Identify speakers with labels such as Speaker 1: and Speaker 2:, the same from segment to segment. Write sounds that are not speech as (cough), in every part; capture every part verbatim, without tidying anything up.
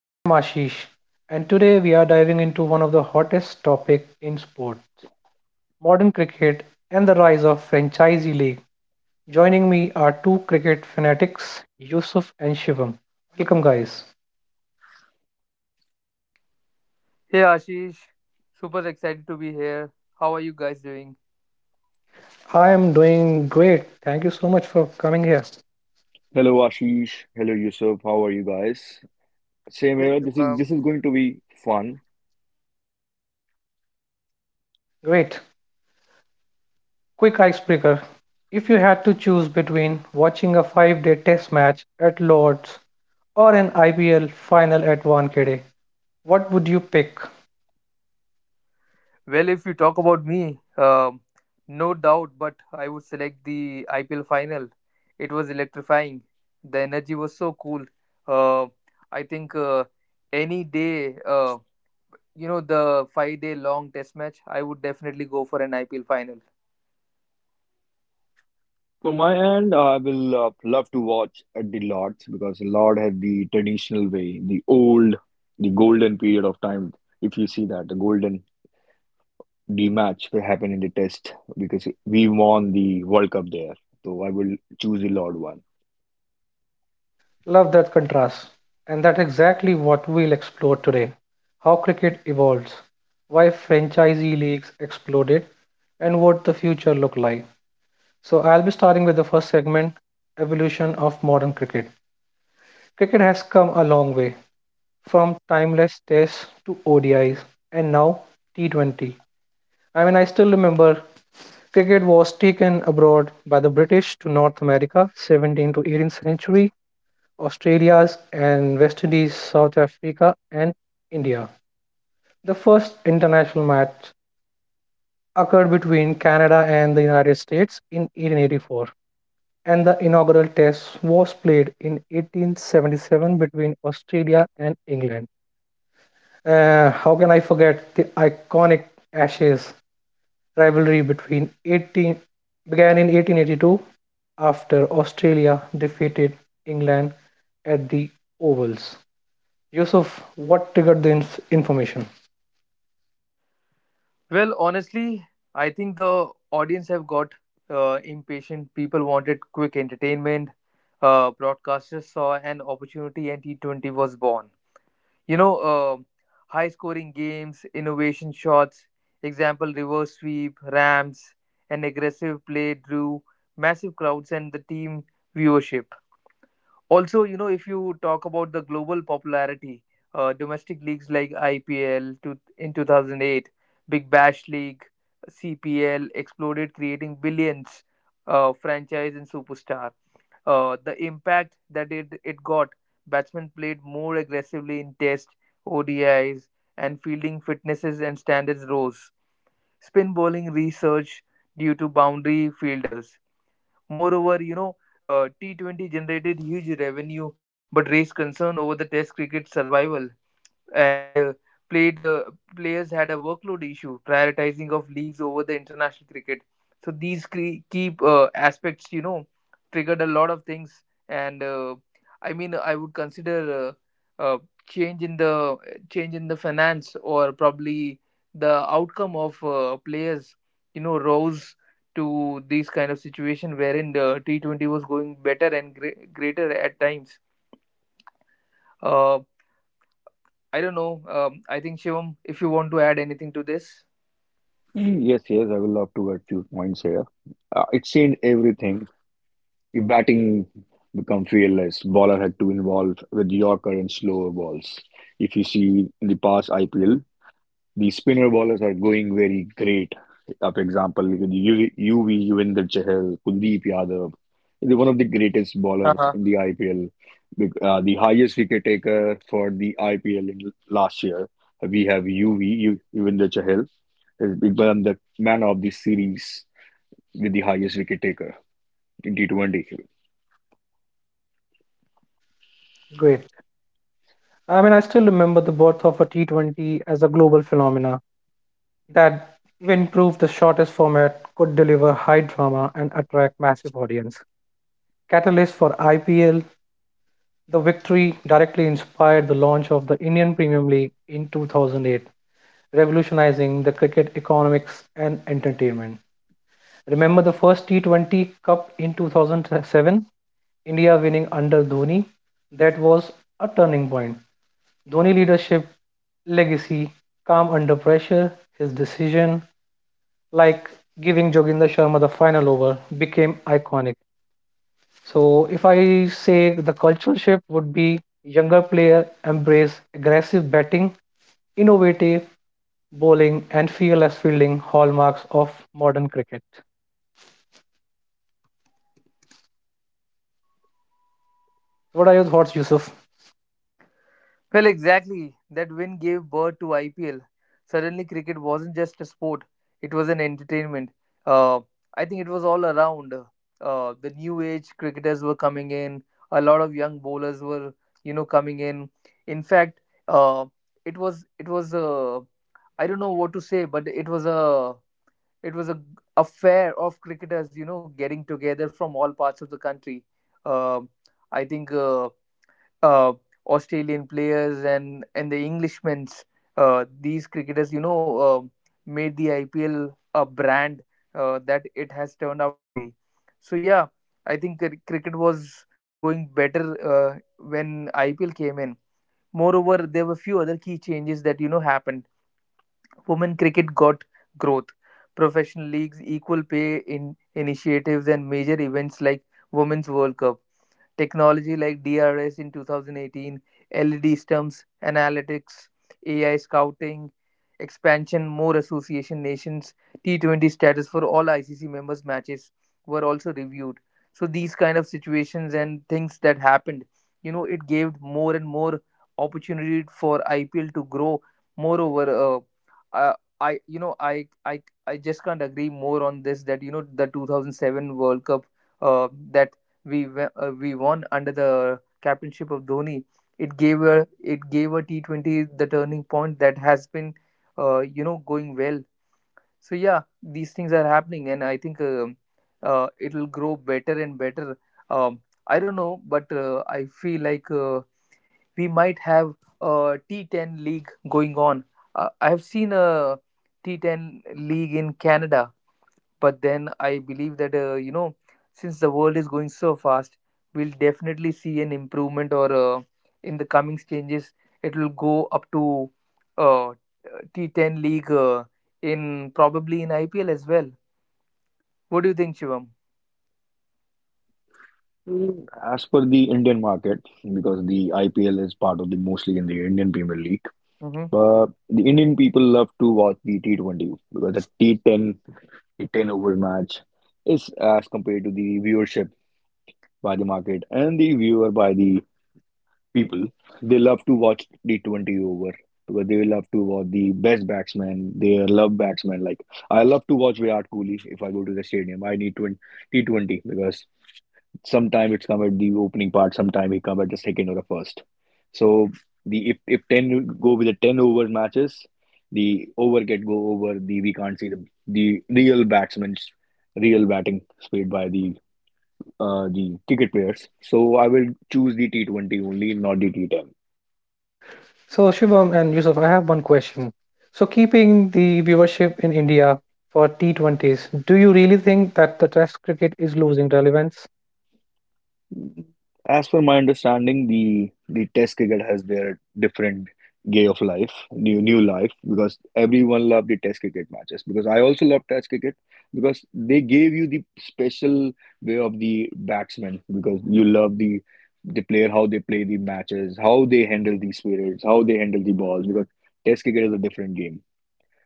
Speaker 1: I am Ashish and today we are diving into one of the hottest topic in sport, modern cricket and the rise of franchisee league. Joining me are two cricket fanatics, Yusuf and Shivam. Welcome guys.
Speaker 2: Hey Ashish, super excited to be here. How are you guys doing?
Speaker 1: I am doing great. Thank you so much for coming here.
Speaker 3: Hello Ashish, hello Yusuf, how are you guys? Same
Speaker 2: Yes,
Speaker 3: here. This is this is
Speaker 2: Shubham.
Speaker 3: going to be fun.
Speaker 1: Great. Quick icebreaker. If you had to choose between watching a five-day test match at Lord's or an I P L final at Wankhede, what would you pick?
Speaker 2: Well, if you talk about me, um, no doubt, but I would select the I P L final. It was electrifying. The energy was so cool. Uh, I think uh, any day, uh, you know, the five day long test match, I would definitely go for an I P L final.
Speaker 3: From my end, I will uh, love to watch at the Lords because the Lord had the traditional way, the old, the golden period of time. If you see that, the golden D match will happen in the Test because we won the World Cup there. So I will choose the Lord one.
Speaker 1: Love that contrast. And that's exactly what we'll explore today how cricket evolves, why franchisee leagues exploded, and what the future look like. So I'll be starting with the first segment, evolution of modern cricket. Cricket has come a long way from timeless tests to O D Is and now T twenty. I mean I still remember cricket was taken abroad by the British to North America seventeenth to eighteenth century Australia's and West Indies, South Africa, and India. The first international match occurred between Canada and the United States in eighteen eighty-four, and the inaugural test was played in eighteen seventy-seven between Australia and England. Uh, how can I forget the iconic Ashes rivalry between eighteen began in eighteen eighty-two after Australia defeated England at the Ovals. Yusuf, what triggered the inf- information?
Speaker 2: Well, honestly, I think the audience have got uh, impatient. People wanted quick entertainment. Uh, broadcasters saw an opportunity, and T twenty was born. You know, uh, High scoring games, innovation shots, example reverse sweep, Rams, an aggressive play drew massive crowds and the team viewership also. You know if you talk about the global popularity, uh, domestic leagues like ipl to, in two thousand eight, big bash league, cpl exploded, creating billions, uh, franchise and superstar. Uh, the impact that it, it got, batsmen played more aggressively in test, odis, and fielding fitnesses and standards rose, spin bowling research due to boundary fielders. Moreover, you know, uh, T twenty generated huge revenue but raised concern over the Test cricket survival, and uh, played uh, players had a workload issue, prioritizing of leagues over the international cricket. So these cre- key uh, aspects, you know, triggered a lot of things, and uh, I mean, I would consider uh, uh, change in the change in the finance, or probably the outcome of uh, players, you know, rose to these kind of situation wherein the T Twenty was going better and gre- greater at times. Uh, I don't know. Um, I think Shivam, if you want to add anything to this.
Speaker 3: Mm, yes, yes, I will love to get few points here. Uh, it changed everything. Your batting become fearless. Bowler had to involve with Yorker and slower balls. If you see in the past I P L, the spinner bowlers are going very great. Up example with U V, U V Yuvinder Chahal, Kuldeep Yadav, the one of the greatest bowler
Speaker 2: Uh-huh.
Speaker 3: in the I P L. Bec- uh, the highest wicket taker for the I P L in last year. We have U V Yu- Yuvinder Chahal has become the man of the series with the highest wicket taker in T twenty.
Speaker 1: Great. I mean, I still remember the birth of a T twenty as a global phenomena that even proved the shortest format could deliver high drama and attract massive audience. Catalyst for I P L, the victory directly inspired the launch of the Indian Premier League in two thousand eight, revolutionizing the cricket economics and entertainment. Remember the first T twenty Cup in two thousand seven? India winning under Dhoni? That was a turning point. Dhoni leadership, legacy, calm under pressure, his decision, like giving Joginder Sharma the final over, became iconic. So, if I say the cultural shift would be younger player embrace aggressive batting, innovative bowling, and fearless fielding hallmarks of modern cricket. What are your thoughts, Yusuf?
Speaker 2: Well, exactly. That win gave birth to I P L. Suddenly, cricket wasn't just a sport, it was an entertainment. Uh, I think it was all around. Uh, the new age cricketers were coming in, a lot of young bowlers were, you know, coming in. In fact, uh, it was, it was, uh, I don't know what to say, but it was a it was a affair of cricketers, you know getting together from all parts of the country. Um I think uh, uh, Australian players and and the Englishmen's, uh, these cricketers, you know uh, made the ipl a brand uh, that it has turned out to be. So yeah, I think cr- cricket was going better uh, when ipl came in. Moreover, there were few other key changes that you know happened. Women cricket got growth, professional leagues, equal pay in initiatives, and major events like Women's World Cup. Technology like D R S in two thousand eighteen, L E D stumps, analytics, A I scouting, expansion, more association nations, T twenty status for all I C C members matches were also reviewed. So these kind of situations and things that happened, you know, it gave more and more opportunity for I P L to grow. Moreover, uh, uh, I you know I I I just can't agree more on this that you know the two thousand seven World Cup, uh, that we we- uh, we won under the captainship of Dhoni. It gave a it gave a T twenty the turning point that has been uh, you know going well. So yeah, these things are happening, and I think um uh, it will grow better and better. Um, I don't know, but uh, I feel like uh, we might have a T ten league going on. Uh, I have seen a T ten league in Canada, but then I believe that uh, you know since the world is going so fast, we'll definitely see an improvement, or uh, in the coming changes, it will go up to uh, T ten league, uh, in probably in ipl as well. What do you think, Shivam?
Speaker 3: Mm, as per the Indian market, because the I P L is part of the mostly in the Indian Premier League,
Speaker 2: Hmm,
Speaker 3: but the Indian people love to watch the T twenty because the T ten, the ten over match is as compared to the viewership by the market and the viewer by the people. They love to watch the twenty over because they love to watch the best batsman. They love batsmen. Like I love to watch Virat Kohli if I go to the stadium. I need twenty, T twenty because. Sometime it's come at the opening part, sometime he come at the second or the first. So the if if ten go with the ten over matches, the over get go over. The we can't see the the real batsman's real batting played by the uh the cricket players. So I will choose the T twenty only, not the T ten.
Speaker 1: So, Shivam and Yusuf, I have one question. So, keeping the viewership in India for T twenty s, do you really think that the Test cricket is losing relevance?
Speaker 3: As per my understanding, the the Test cricket has their different gay of life, new new life, because everyone loved the Test cricket matches. Because I also love Test cricket because they gave you the special way of the batsman because you love the the player how they play the matches, how they handle the spirits, how they handle the balls. Because Test cricket is a different game.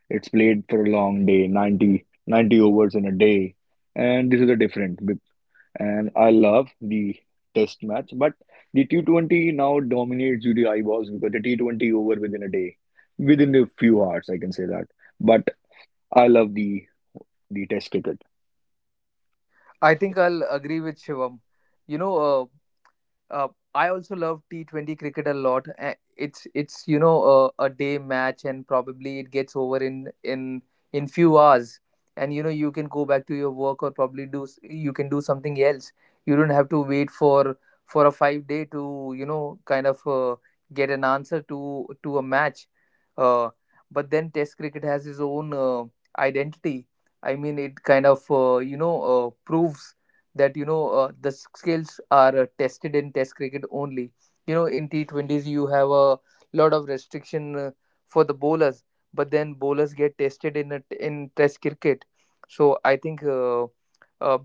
Speaker 3: It's played for a long day, ninety ninety overs in a day, and this is a different and I love the test match. But the T twenty now dominates due to eyeballs because the T twenty over within a day, within a few hours, I can say that. But I love the the test cricket.
Speaker 2: I think I'll agree with Shivam. you know uh, uh, I also love T twenty cricket a lot. Eh, It's it's you know a, a day match, and probably it gets over in in in few hours, and you know you can go back to your work, or probably do s- you can do something else. You don't have to wait for for a five day to you know kind of, uh, get an answer to to a match. Uh, but then Test cricket has its own uh, identity. I mean, it kind of uh, you know uh, proves that you know uh, the skills are uh, tested in test cricket only. You know in T twenties, you have a lot of restriction uh, for the bowlers, but then bowlers get tested in a t in test cricket. So I think uh, uh,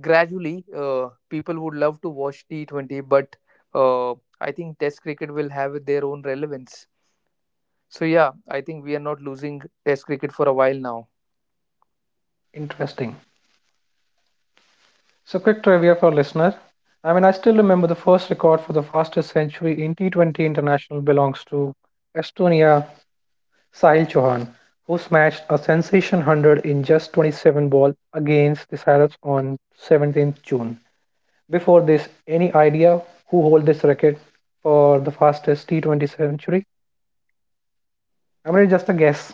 Speaker 2: gradually, uh, people would love to watch T twenty, but uh, I think test cricket will have their own relevance. So yeah, I think we are not losing test cricket for a while now.
Speaker 1: Interesting. So, quick trivia for listener. I mean, I still remember the first record for the fastest century in T twenty international belongs to Estonia Sahil Chauhan, who smashed a sensation one hundred in just twenty-seven ball against the Sirens on seventeenth June. Before this, any idea who hold this record for the fastest T twenty century? I'm mean, just a guess.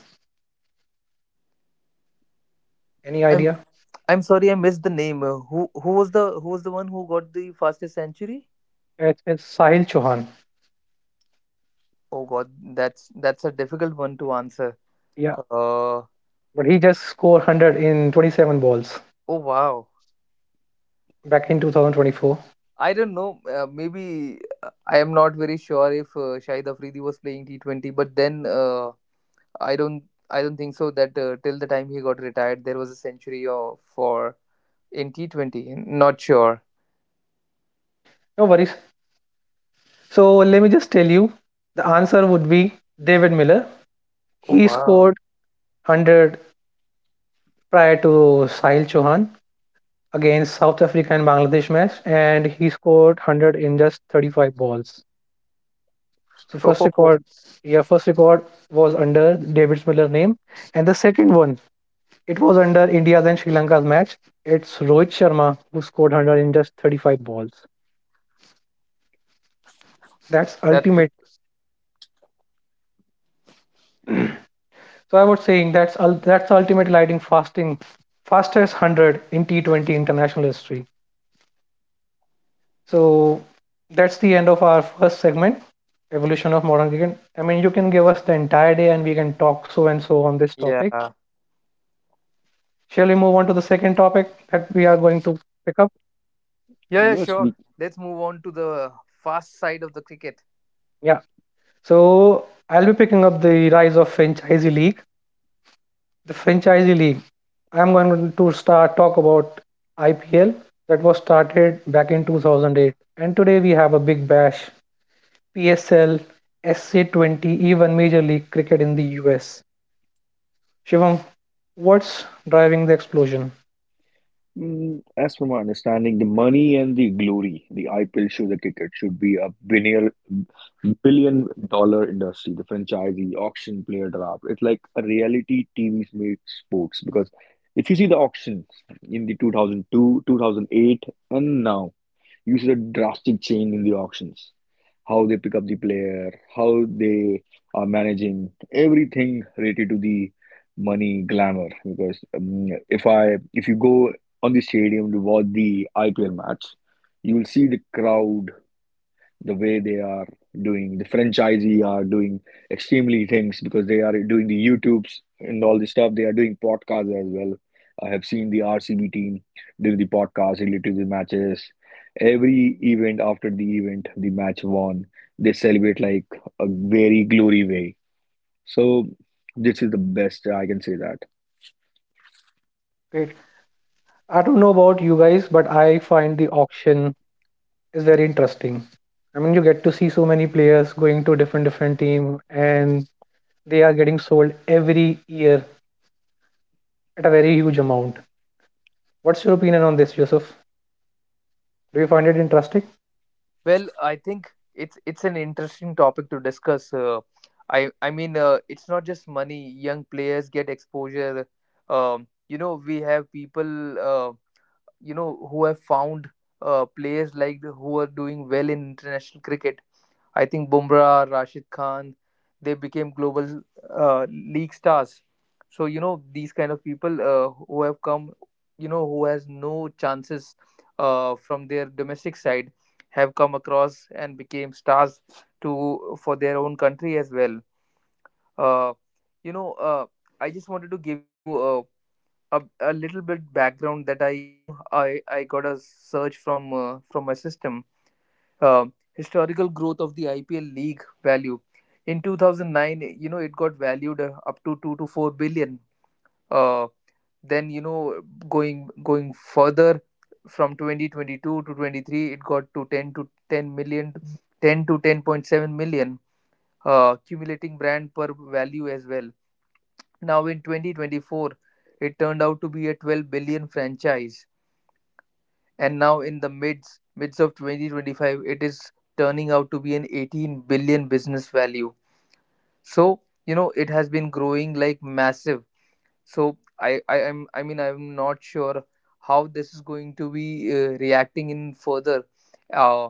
Speaker 1: Any
Speaker 2: I'm
Speaker 1: idea?
Speaker 2: I'm sorry, I missed the name. Uh, who who was the who was the one who got the fastest century?
Speaker 1: It's, it's Sahil Chauhan.
Speaker 2: Oh God, that's that's a difficult one to answer.
Speaker 1: Yeah,
Speaker 2: Uh, oh
Speaker 1: but he just scored one hundred in twenty-seven balls
Speaker 2: wow,
Speaker 1: back in two thousand twenty-four.
Speaker 2: I don't know. Uh, maybe uh, I am not very sure if uh, Shahid Afridi was playing T twenty, but then uh, I don't I don't think so that uh, till the time he got retired, there was a century or for in T twenty. Not sure.
Speaker 1: No worries. So let me just tell you, the answer would be David Miller.
Speaker 2: Oh
Speaker 1: He
Speaker 2: wow.
Speaker 1: scored one hundred prior to Sahil Chauhan against South Africa and Bangladesh match, and he scored one hundred in just thirty-five balls. So
Speaker 2: (laughs)
Speaker 1: first
Speaker 2: Oh,
Speaker 1: record, yeah, first record was under David Miller's name, and the second one it was under India's and Sri Lanka's match. It's Rohit Sharma who scored one hundred in just thirty-five balls. That's
Speaker 2: that's great.
Speaker 1: ultimate. So I was saying that's ul that's the ultimate lighting fasting, fastest one hundred in T twenty international history. So that's the end of our first segment, evolution of modern cricket. I mean, you can give us the entire day and we can talk so and so on this topic.
Speaker 2: Yeah.
Speaker 1: Shall we move on to the second topic that we are going to pick up?
Speaker 2: Yeah, yeah,
Speaker 3: Yes, the
Speaker 2: sure. Let's move on to the fast side of the cricket.
Speaker 1: Yeah. So I'll be picking up the rise of franchisee league. The franchisee league. I'm going to start talk about I P L that was started back in two thousand eight, and today we have a big bash, P S L, S C twenty, even Major League Cricket in the U S. Shivam, what's driving the explosion?
Speaker 3: mm, as from my understanding, the money and the glory, the I P L show, the cricket should be a billion billion dollar industry. The franchisee, auction, player draft. It's like a reality T V made sports because if you see the auctions in the two thousand two, two thousand eight, and now you see a drastic change in the auctions, how they pick up the player, how they are managing everything related to the money glamour. Because um, if I if you go on the stadium to watch the I P L match, you will see the crowd the way they are doing the franchisee are doing extremely things because they are doing the youtubes and all this stuff. They are doing podcasts as well. I have seen the RCB team doing the podcast related to the matches. Every event, after the event the match won, they celebrate like a very glory way. So this is the best, I can say that.
Speaker 1: Great. I don't know about you guys, but I find the auction is very interesting. I mean, you get to see so many players going to different different team, and they are getting sold every year at a very huge amount. What's your opinion on this, Yusuf? Do you find it interesting?
Speaker 2: Well, I think it's it's an interesting topic to discuss. Uh, I I mean, uh, it's not just money. Young players get exposure. Um, you know, we have people, uh, you know, who have found uh, players like the, who are doing well in international cricket. I think Bumrah, Rashid Khan, they became global uh, league stars. So you know these kind of people, uh, who have come, you know, who has no chances uh, from their domestic side, have come across and became stars to for their own country as well. Uh, you know, uh, I just wanted to give you uh, a, a little bit background that I, you know, I I got a search from uh, from my system, uh, historical growth of the I P L league value. In two thousand nine, you know, it got valued uh, up to two to four billion. Uh, then, you know, going going further from twenty twenty two to twenty three, it got to ten to ten million, ten to ten point seven million, uh, accumulating brand per value as well. Now in twenty twenty four, it turned out to be a twelve billion franchise, and now in the mids mids of twenty twenty five, it is turning out to be an eighteen billion business value. So you know it has been growing like massive. So i i am I mean, I'm not sure how this is going to be uh, reacting in further, uh,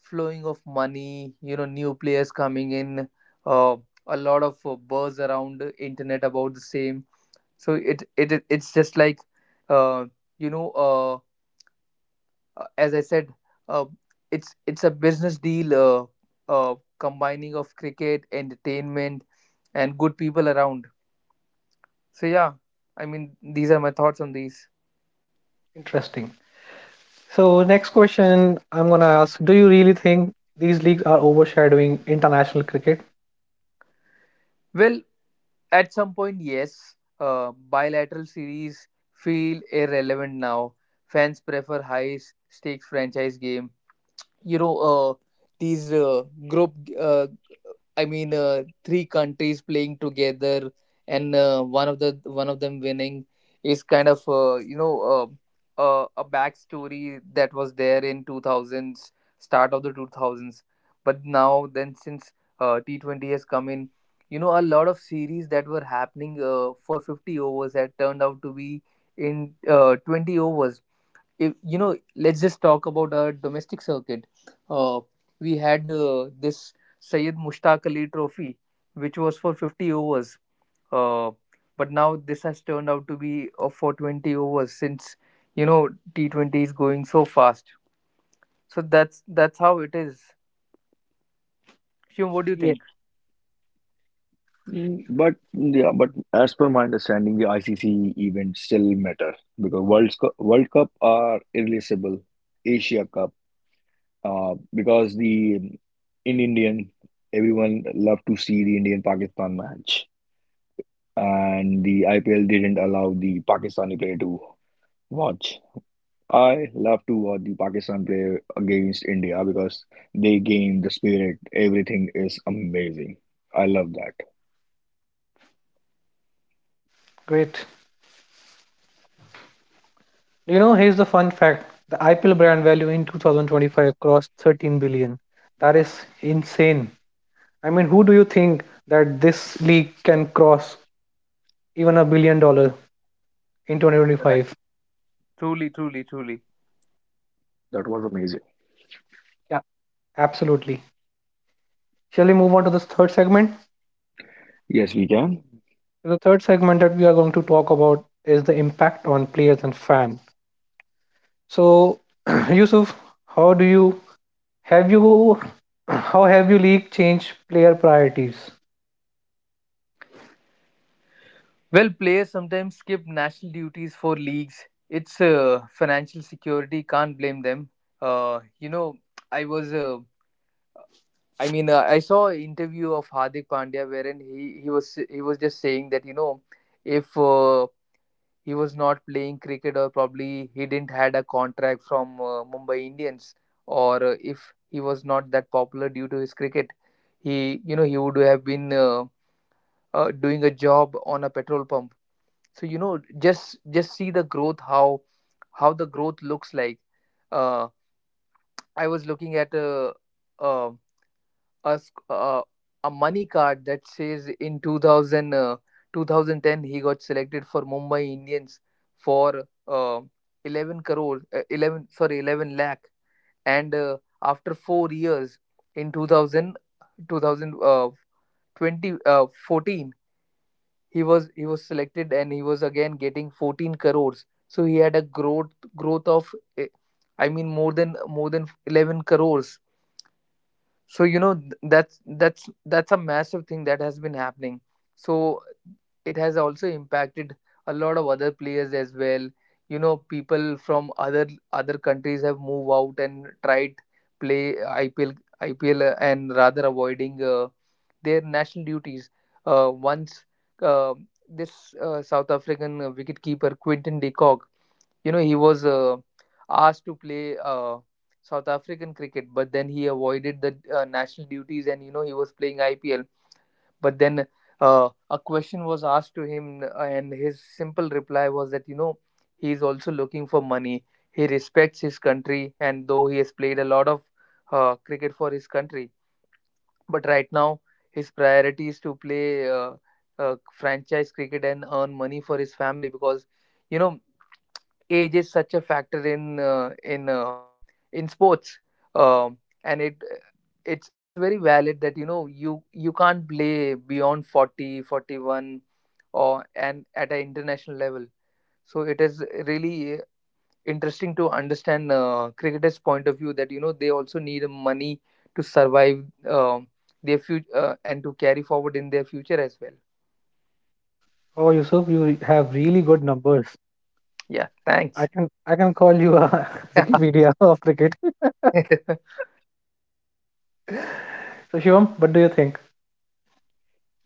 Speaker 2: flowing of money, you know new players coming in, uh, a lot of uh, buzz around the internet about the same. So it it it's just like uh, you know uh, uh, as I said, uh, it's it's a business deal, uh, uh, combining of cricket, entertainment, and good people around. So yeah, I mean these are my thoughts on these.
Speaker 1: Interesting. So, next question I'm going to ask Do you really think these leagues are overshadowing international cricket?
Speaker 2: Well, at some point, yes, uh, bilateral series feel irrelevant now. Fans prefer high stakes franchise game. You know, uh, these uh, group, uh, I mean, uh, three countries playing together, and uh, one of the one of them winning is kind of uh, you know uh, uh, a backstory that was there in two thousands, start of the two thousands. But now, then since uh, T Twenty has come in, you know, a lot of series that were happening uh, for fifty overs had turned out to be in uh, twenty overs. If you know let's just talk about our domestic circuit. uh, we had uh, this Syed Mushtaq Ali trophy which was for fifty overs, uh, but now this has turned out to be uh, for twenty overs since you know T twenty is going so fast. So that's that's how it is, Shum. What do you
Speaker 1: Yes.
Speaker 2: think?
Speaker 3: Mm, but yeah, but as per my understanding, the I C C events still matter because World Cup, World Cup are irreplaceable. Asia Cup, uh, because the in Indian everyone loved to see the Indian Pakistan match, and the I P L didn't allow the Pakistani player to watch. I love to watch the Pakistan play against India because they game, the spirit, everything is amazing. I love that.
Speaker 1: Great. You know, here's the fun fact the I P L brand value in two thousand twenty-five crossed thirteen billion. That is insane. I mean, who do you think that this league can cross even a billion dollar in
Speaker 2: Right.
Speaker 1: twenty twenty-five?
Speaker 2: Truly, truly, truly.
Speaker 3: That was amazing.
Speaker 1: Yeah. Absolutely. Shall we move on to this third segment?
Speaker 3: Yes, we can.
Speaker 1: The third segment that we are going to talk about is the impact on players and fans. So, (clears throat) Yusuf, how do you have you how have you league changed player priorities?
Speaker 2: Well, players sometimes skip national duties for leagues. It's uh, financial security, can't blame them. uh, you know I was uh, I mean, uh, I saw an interview of Hardik Pandya wherein he, he was he was just saying that you know if uh, he was not playing cricket, or probably he didn't had a contract from uh, Mumbai Indians, or uh, if he was not that popular due to his cricket, he you know he would have been uh, uh, doing a job on a petrol pump. So you know just just see the growth, how how the growth looks like. Uh, I was looking at a, a a sc- uh, a money card that says in two thousand uh, two thousand ten he got selected for Mumbai Indians for uh, eleven crore uh, eleven sorry eleven lakh, and uh, after four years in two thousand twenty twenty uh, twenty uh, fourteen, he was he was selected, and he was again getting fourteen crores. So he had a growth growth of, eh, I mean, more than more than eleven crores. So you know, th- that's that's that's a massive thing that has been happening. So it has also impacted a lot of other players as well. You know, people from other other countries have moved out and tried play ipl ipl uh, and rather avoiding uh, their national duties. Uh, once, uh, this uh, South African uh, wicketkeeper Quinton de Kock, you know, he was uh, asked to play uh, South African cricket, but then he avoided the uh, national duties, and you know, he was playing I P L. But then uh, a question was asked to him, and his simple reply was that, you know, he is also looking for money. He respects his country, and though he has played a lot of uh, cricket for his country, but right now his priority is to play uh, uh, franchise cricket and earn money for his family because, you know, age is such a factor in uh, in uh, in sports. um, and it it's it's very valid that you know, you you can't play beyond forty forty one, or and at an international level. So it is really uh, interesting to understand uh, cricketers' point of view, that you know, they also need money to survive, um their future, uh, and to carry forward in their future as well.
Speaker 1: Oh, Yusuf, you have really good numbers.
Speaker 2: Yeah,
Speaker 1: I
Speaker 2: thanks.
Speaker 1: can I can call you a (laughs) Wikipedia of cricket.
Speaker 2: (laughs)
Speaker 1: So, Shivam, what do you think?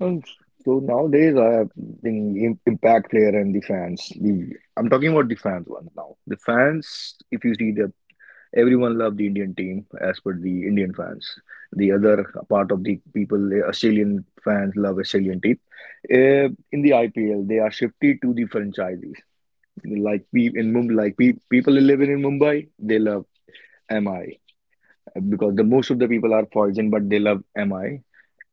Speaker 3: And so nowadays, I have think im- impact player and the fans. The I'm talking about the fans one now. The fans, if you see the everyone love the Indian team as per the Indian fans. The other part of the people, the Australian fans love Australian team. Uh, in the I P L, they are shifted to the franchises. Like we in Mumbai, like pe people living in Mumbai, they love M I because the most of the people are foreign, but they love M I.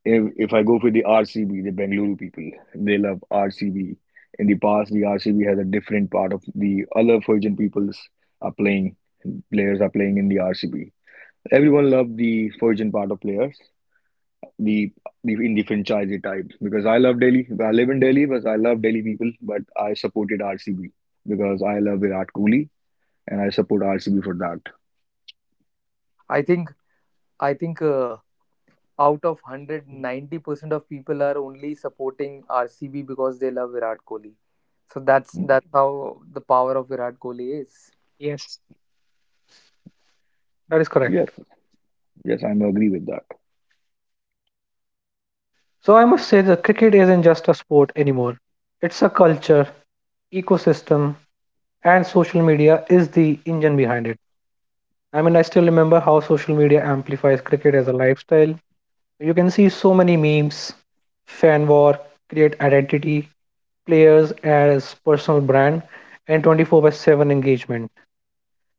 Speaker 3: If if I go for the R C B, the Bengaluru people, they love R C B. In the past, the R C B has a different part of the other Virgin peoples are playing. Players are playing in the R C B. Everyone loved the Virgin part of players, the the in the franchise types. Because I love Delhi. I live in Delhi, but I love Delhi people. But I supported R C B because I love Virat Kohli and I support R C B for that.
Speaker 2: i think i think uh, out of one hundred, ninety percent of people are only supporting R C B because they love Virat Kohli. So that's that's how the power of Virat Kohli is.
Speaker 1: Yes. That is correct.
Speaker 3: Yes, yes, I'm agree with that.
Speaker 1: So I must say that cricket isn't just a sport anymore. It's a culture, ecosystem, and social media is the engine behind it. I mean, I still remember how social media amplifies cricket as a lifestyle. You can see so many memes, fan war, create identity, players as personal brand, and twenty-four by seven engagement.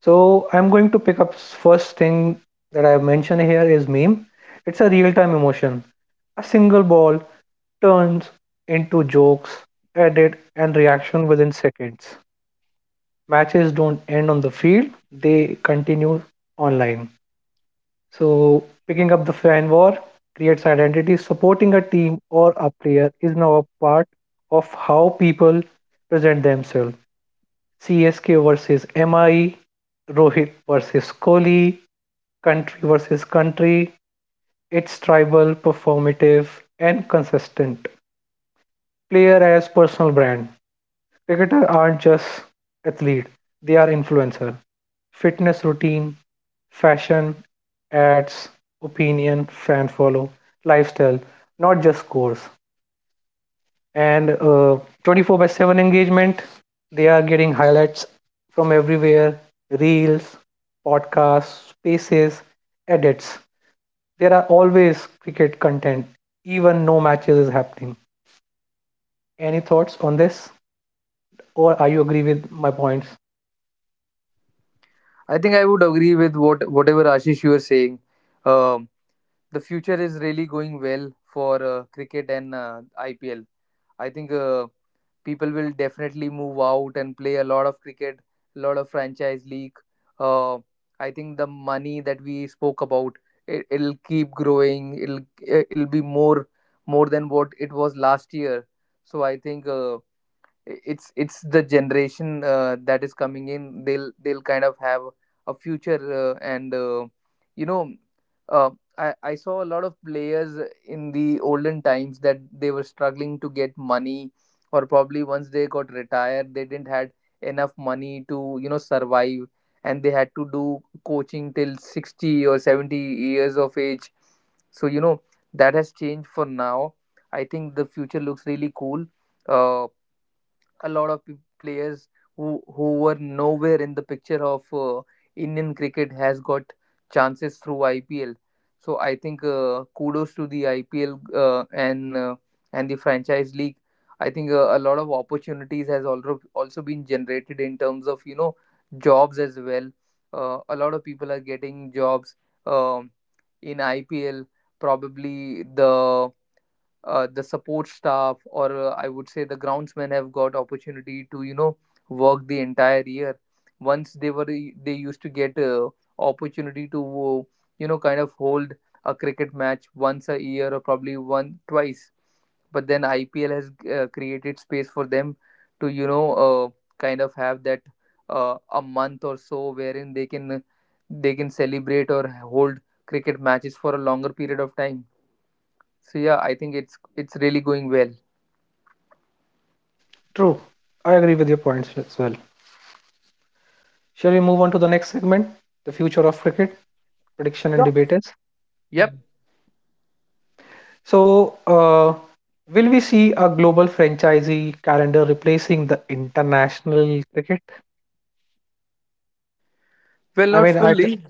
Speaker 1: So, I'm going to pick up first thing that I have mentioned here is meme. It's a real time emotion. A single ball turns into jokes, edit, and reaction within seconds. Matches don't end on the field, they continue online. So, picking up the fan war creates identity. Supporting a team or a player is now a part of how people present themselves. C S K versus M I, Rohit versus Kohli, country versus country. It's tribal, performative, and consistent. Player as personal brand. Cricketers aren't just athlete; they are influencer. Fitness routine, fashion, ads, opinion, fan follow, lifestyle, not just scores. And uh, twenty-four by seven engagement, they are getting highlights from everywhere reels, podcasts, spaces, edits. There are always cricket content, even no matches is happening. Any thoughts on this? Or are you agree with my points?
Speaker 2: I think I would agree with what whatever Ashish, you were saying. um, the future is really going well for uh, cricket and uh, I P L. I think uh, people will definitely move out and play a lot of cricket, a lot of franchise league. Uh, I think the money that we spoke about, it, it'll keep growing. It'll it'll be more more than what it was last year. So I think uh, it's it's the generation uh, that is coming in, they'll they'll kind of have a future, uh, and uh, you know, uh, I, I saw a lot of players in the olden times that they were struggling to get money, or probably once they got retired they didn't had enough money to, you know, survive. And they had to do coaching till sixty or seventy years of age. So you know, that has changed for now. I think the future looks really cool. uh, a lot of pe- players who who were nowhere in the picture of uh, Indian cricket has got chances through I P L. So I think uh, kudos to the I P L uh, and uh, and the franchise league. I think uh, a lot of opportunities has also also been generated in terms of, you know, jobs as well. Uh, a lot of people are getting jobs, um, in I P L. Probably the uh, the support staff, or uh, I would say the groundsmen have got opportunity to, you know, work the entire year. Once they were they used to get uh, opportunity to, uh, you know, kind of hold a cricket match once a year or probably one twice, but then I P L has uh, created space for them to, you know, uh, kind of have that, uh, a month or so, wherein they can they can celebrate or hold cricket matches for a longer period of time. So yeah, I think it's it's really going well.
Speaker 1: True. I agree with your points as well. Shall we move on to the next segment? The future of cricket, prediction and
Speaker 2: Yeah.
Speaker 1: debaters.
Speaker 2: Yep.
Speaker 1: So, uh, will we see a global franchisee calendar replacing the international cricket?
Speaker 2: Well,
Speaker 1: I
Speaker 2: not
Speaker 1: mean, I, j-
Speaker 2: fully.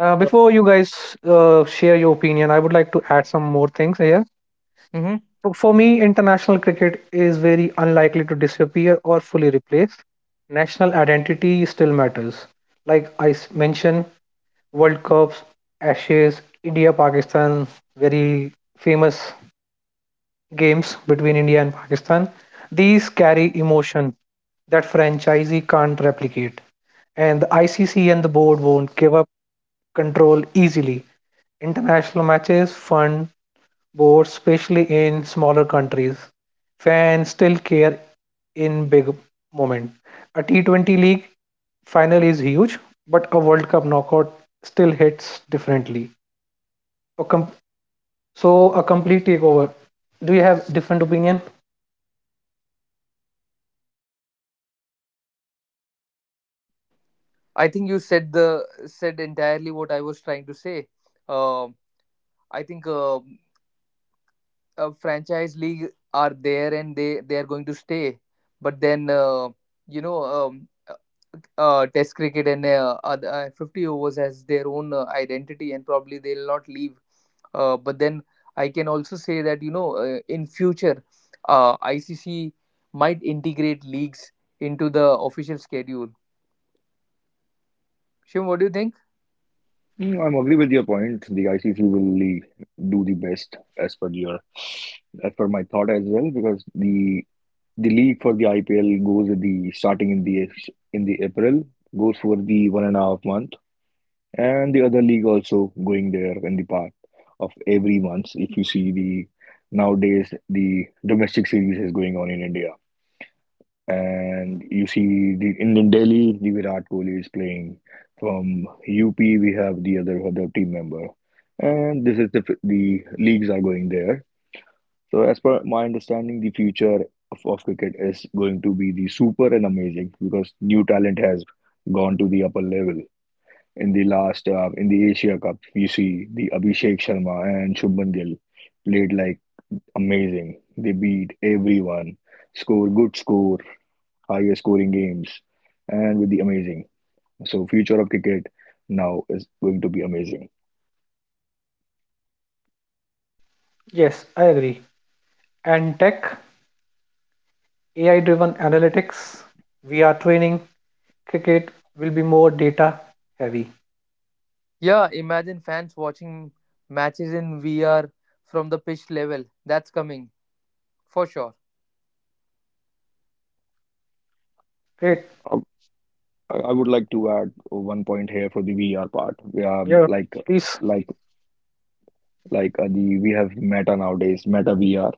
Speaker 1: uh,
Speaker 2: Uh,
Speaker 1: Before you guys uh, share your opinion, I would like to add some more things here.
Speaker 2: Mm-hmm.
Speaker 1: For for me, international cricket is very unlikely to disappear or fully replace. National identity still matters. Like I s- mentioned, World Cups, Ashes, India, Pakistan, very famous games between India and Pakistan, these carry emotion that franchisee can't replicate. And the I C C and the board won't give up control easily. International matches, fund boards, especially in smaller countries, fans still care in big moment. A T twenty league final is huge, but a World Cup knockout still hits differently. A com- so a complete takeover. Do you have different opinion?
Speaker 2: I think you said the said entirely what I was trying to say. Um, I think. Um uh, franchise league are there, and they they are going to stay, but then uh, you know, um, uh, uh, test cricket and uh, other, uh, fifty overs has their own uh, identity, and probably they'll not leave. Uh, but then, I can also say that you know, uh, in future, uh, I C C might integrate leagues into the official schedule. Shim, what do you think?
Speaker 3: Mm, I'm agree with your point. The I C C will le- do the best as per your as per my thought as well because the the league for the I P L goes at the starting in the in the April goes for the one and a half month and the other league also going there in the part of every month. If you see the nowadays the domestic series is going on in India and you see the in, in Delhi, the Virat Kohli is playing. From U P, we have the other other team member, and this is the f- the leagues are going there. So as per my understanding, the future of, of cricket is going to be the super and amazing because new talent has gone to the upper level. In the last uh, in the Asia Cup, you see the Abhishek Sharma and Shubman Gill played like amazing. They beat everyone, score good score highest scoring games, and with the amazing. So future of cricket now is going to be amazing.
Speaker 1: Yes, I agree. And tech, A I driven analytics, V R training, cricket will be more data heavy.
Speaker 2: Yeah, imagine fans watching matches in V R from the pitch level. That's coming for sure.
Speaker 1: Great.
Speaker 3: Um, I I would like to add one point here for the V R part. We are
Speaker 1: Yeah.
Speaker 3: like
Speaker 1: Please.
Speaker 3: like like uh, the we have Meta nowadays, Meta V R.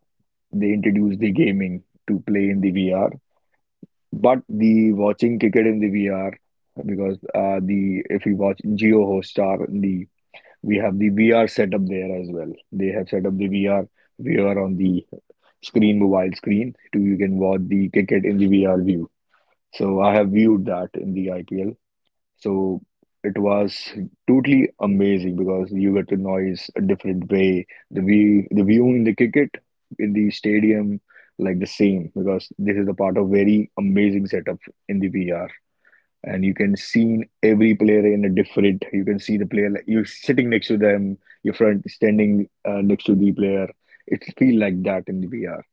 Speaker 3: They introduced the gaming to play in the V R, but the watching cricket in the V R because uh, the if we watch Geo Hotstar, the we have the V R setup there as well. They have set up the V R V R on the screen, mobile screen, to you can watch the cricket in the V R view. So I have viewed that in the I P L. So it was totally amazing because you get to noise a different way. The view, the view in the cricket in the stadium, like the same because this is a part of very amazing setup in the V R, and you can see every player in a different. You can see the player like you're sitting next to them, your friend standing uh, next to the player. It feel like that in the V R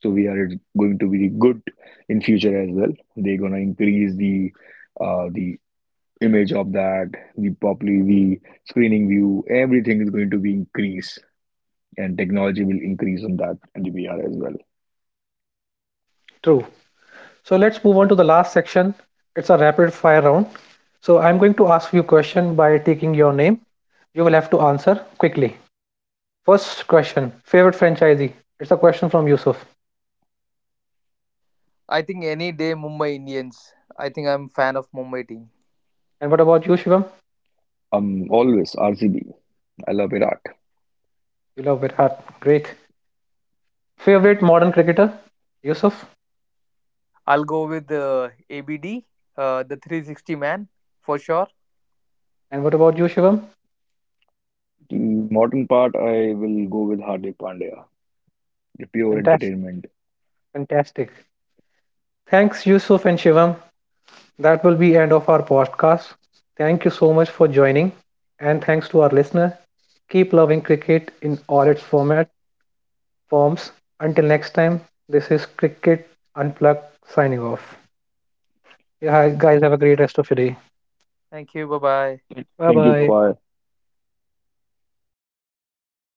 Speaker 3: so we are going to be good in future as well. They're gonna increase the uh, the image of that, the probably the screening view, everything is going to be increased, and technology will increase on that and the V R as well.
Speaker 1: True. So let's move on to the last section. It's a rapid fire round. So I'm going to ask you a question by taking your name. You will have to answer quickly. First question, favorite franchisee. It's a question from Yusuf.
Speaker 2: I think, any day, Mumbai Indians. I think I'm fan of Mumbai team.
Speaker 1: And what about you, Shivam?
Speaker 3: Um, always R C B. I love Virat.
Speaker 1: You love it hard. Great. Favorite modern cricketer, Yusuf.
Speaker 2: I'll go with uh, A B D, uh, the three sixty man for sure.
Speaker 1: And what about you, Shivam?
Speaker 3: The modern part, I will go with Hardik Pandya. The pure
Speaker 1: Fantastic.
Speaker 3: entertainment.
Speaker 1: Fantastic. Thanks, Yusuf and Shivam. That will be end of our podcast. Thank you so much for joining, and thanks to our listener. Keep loving cricket in all its format forms. Until next time, this is Cricket Unplugged signing off. Yeah, guys, have a great rest of your day.
Speaker 2: Thank you. Bye bye.
Speaker 1: Bye
Speaker 3: Thank you. Bye
Speaker 1: bye.
Speaker 3: bye.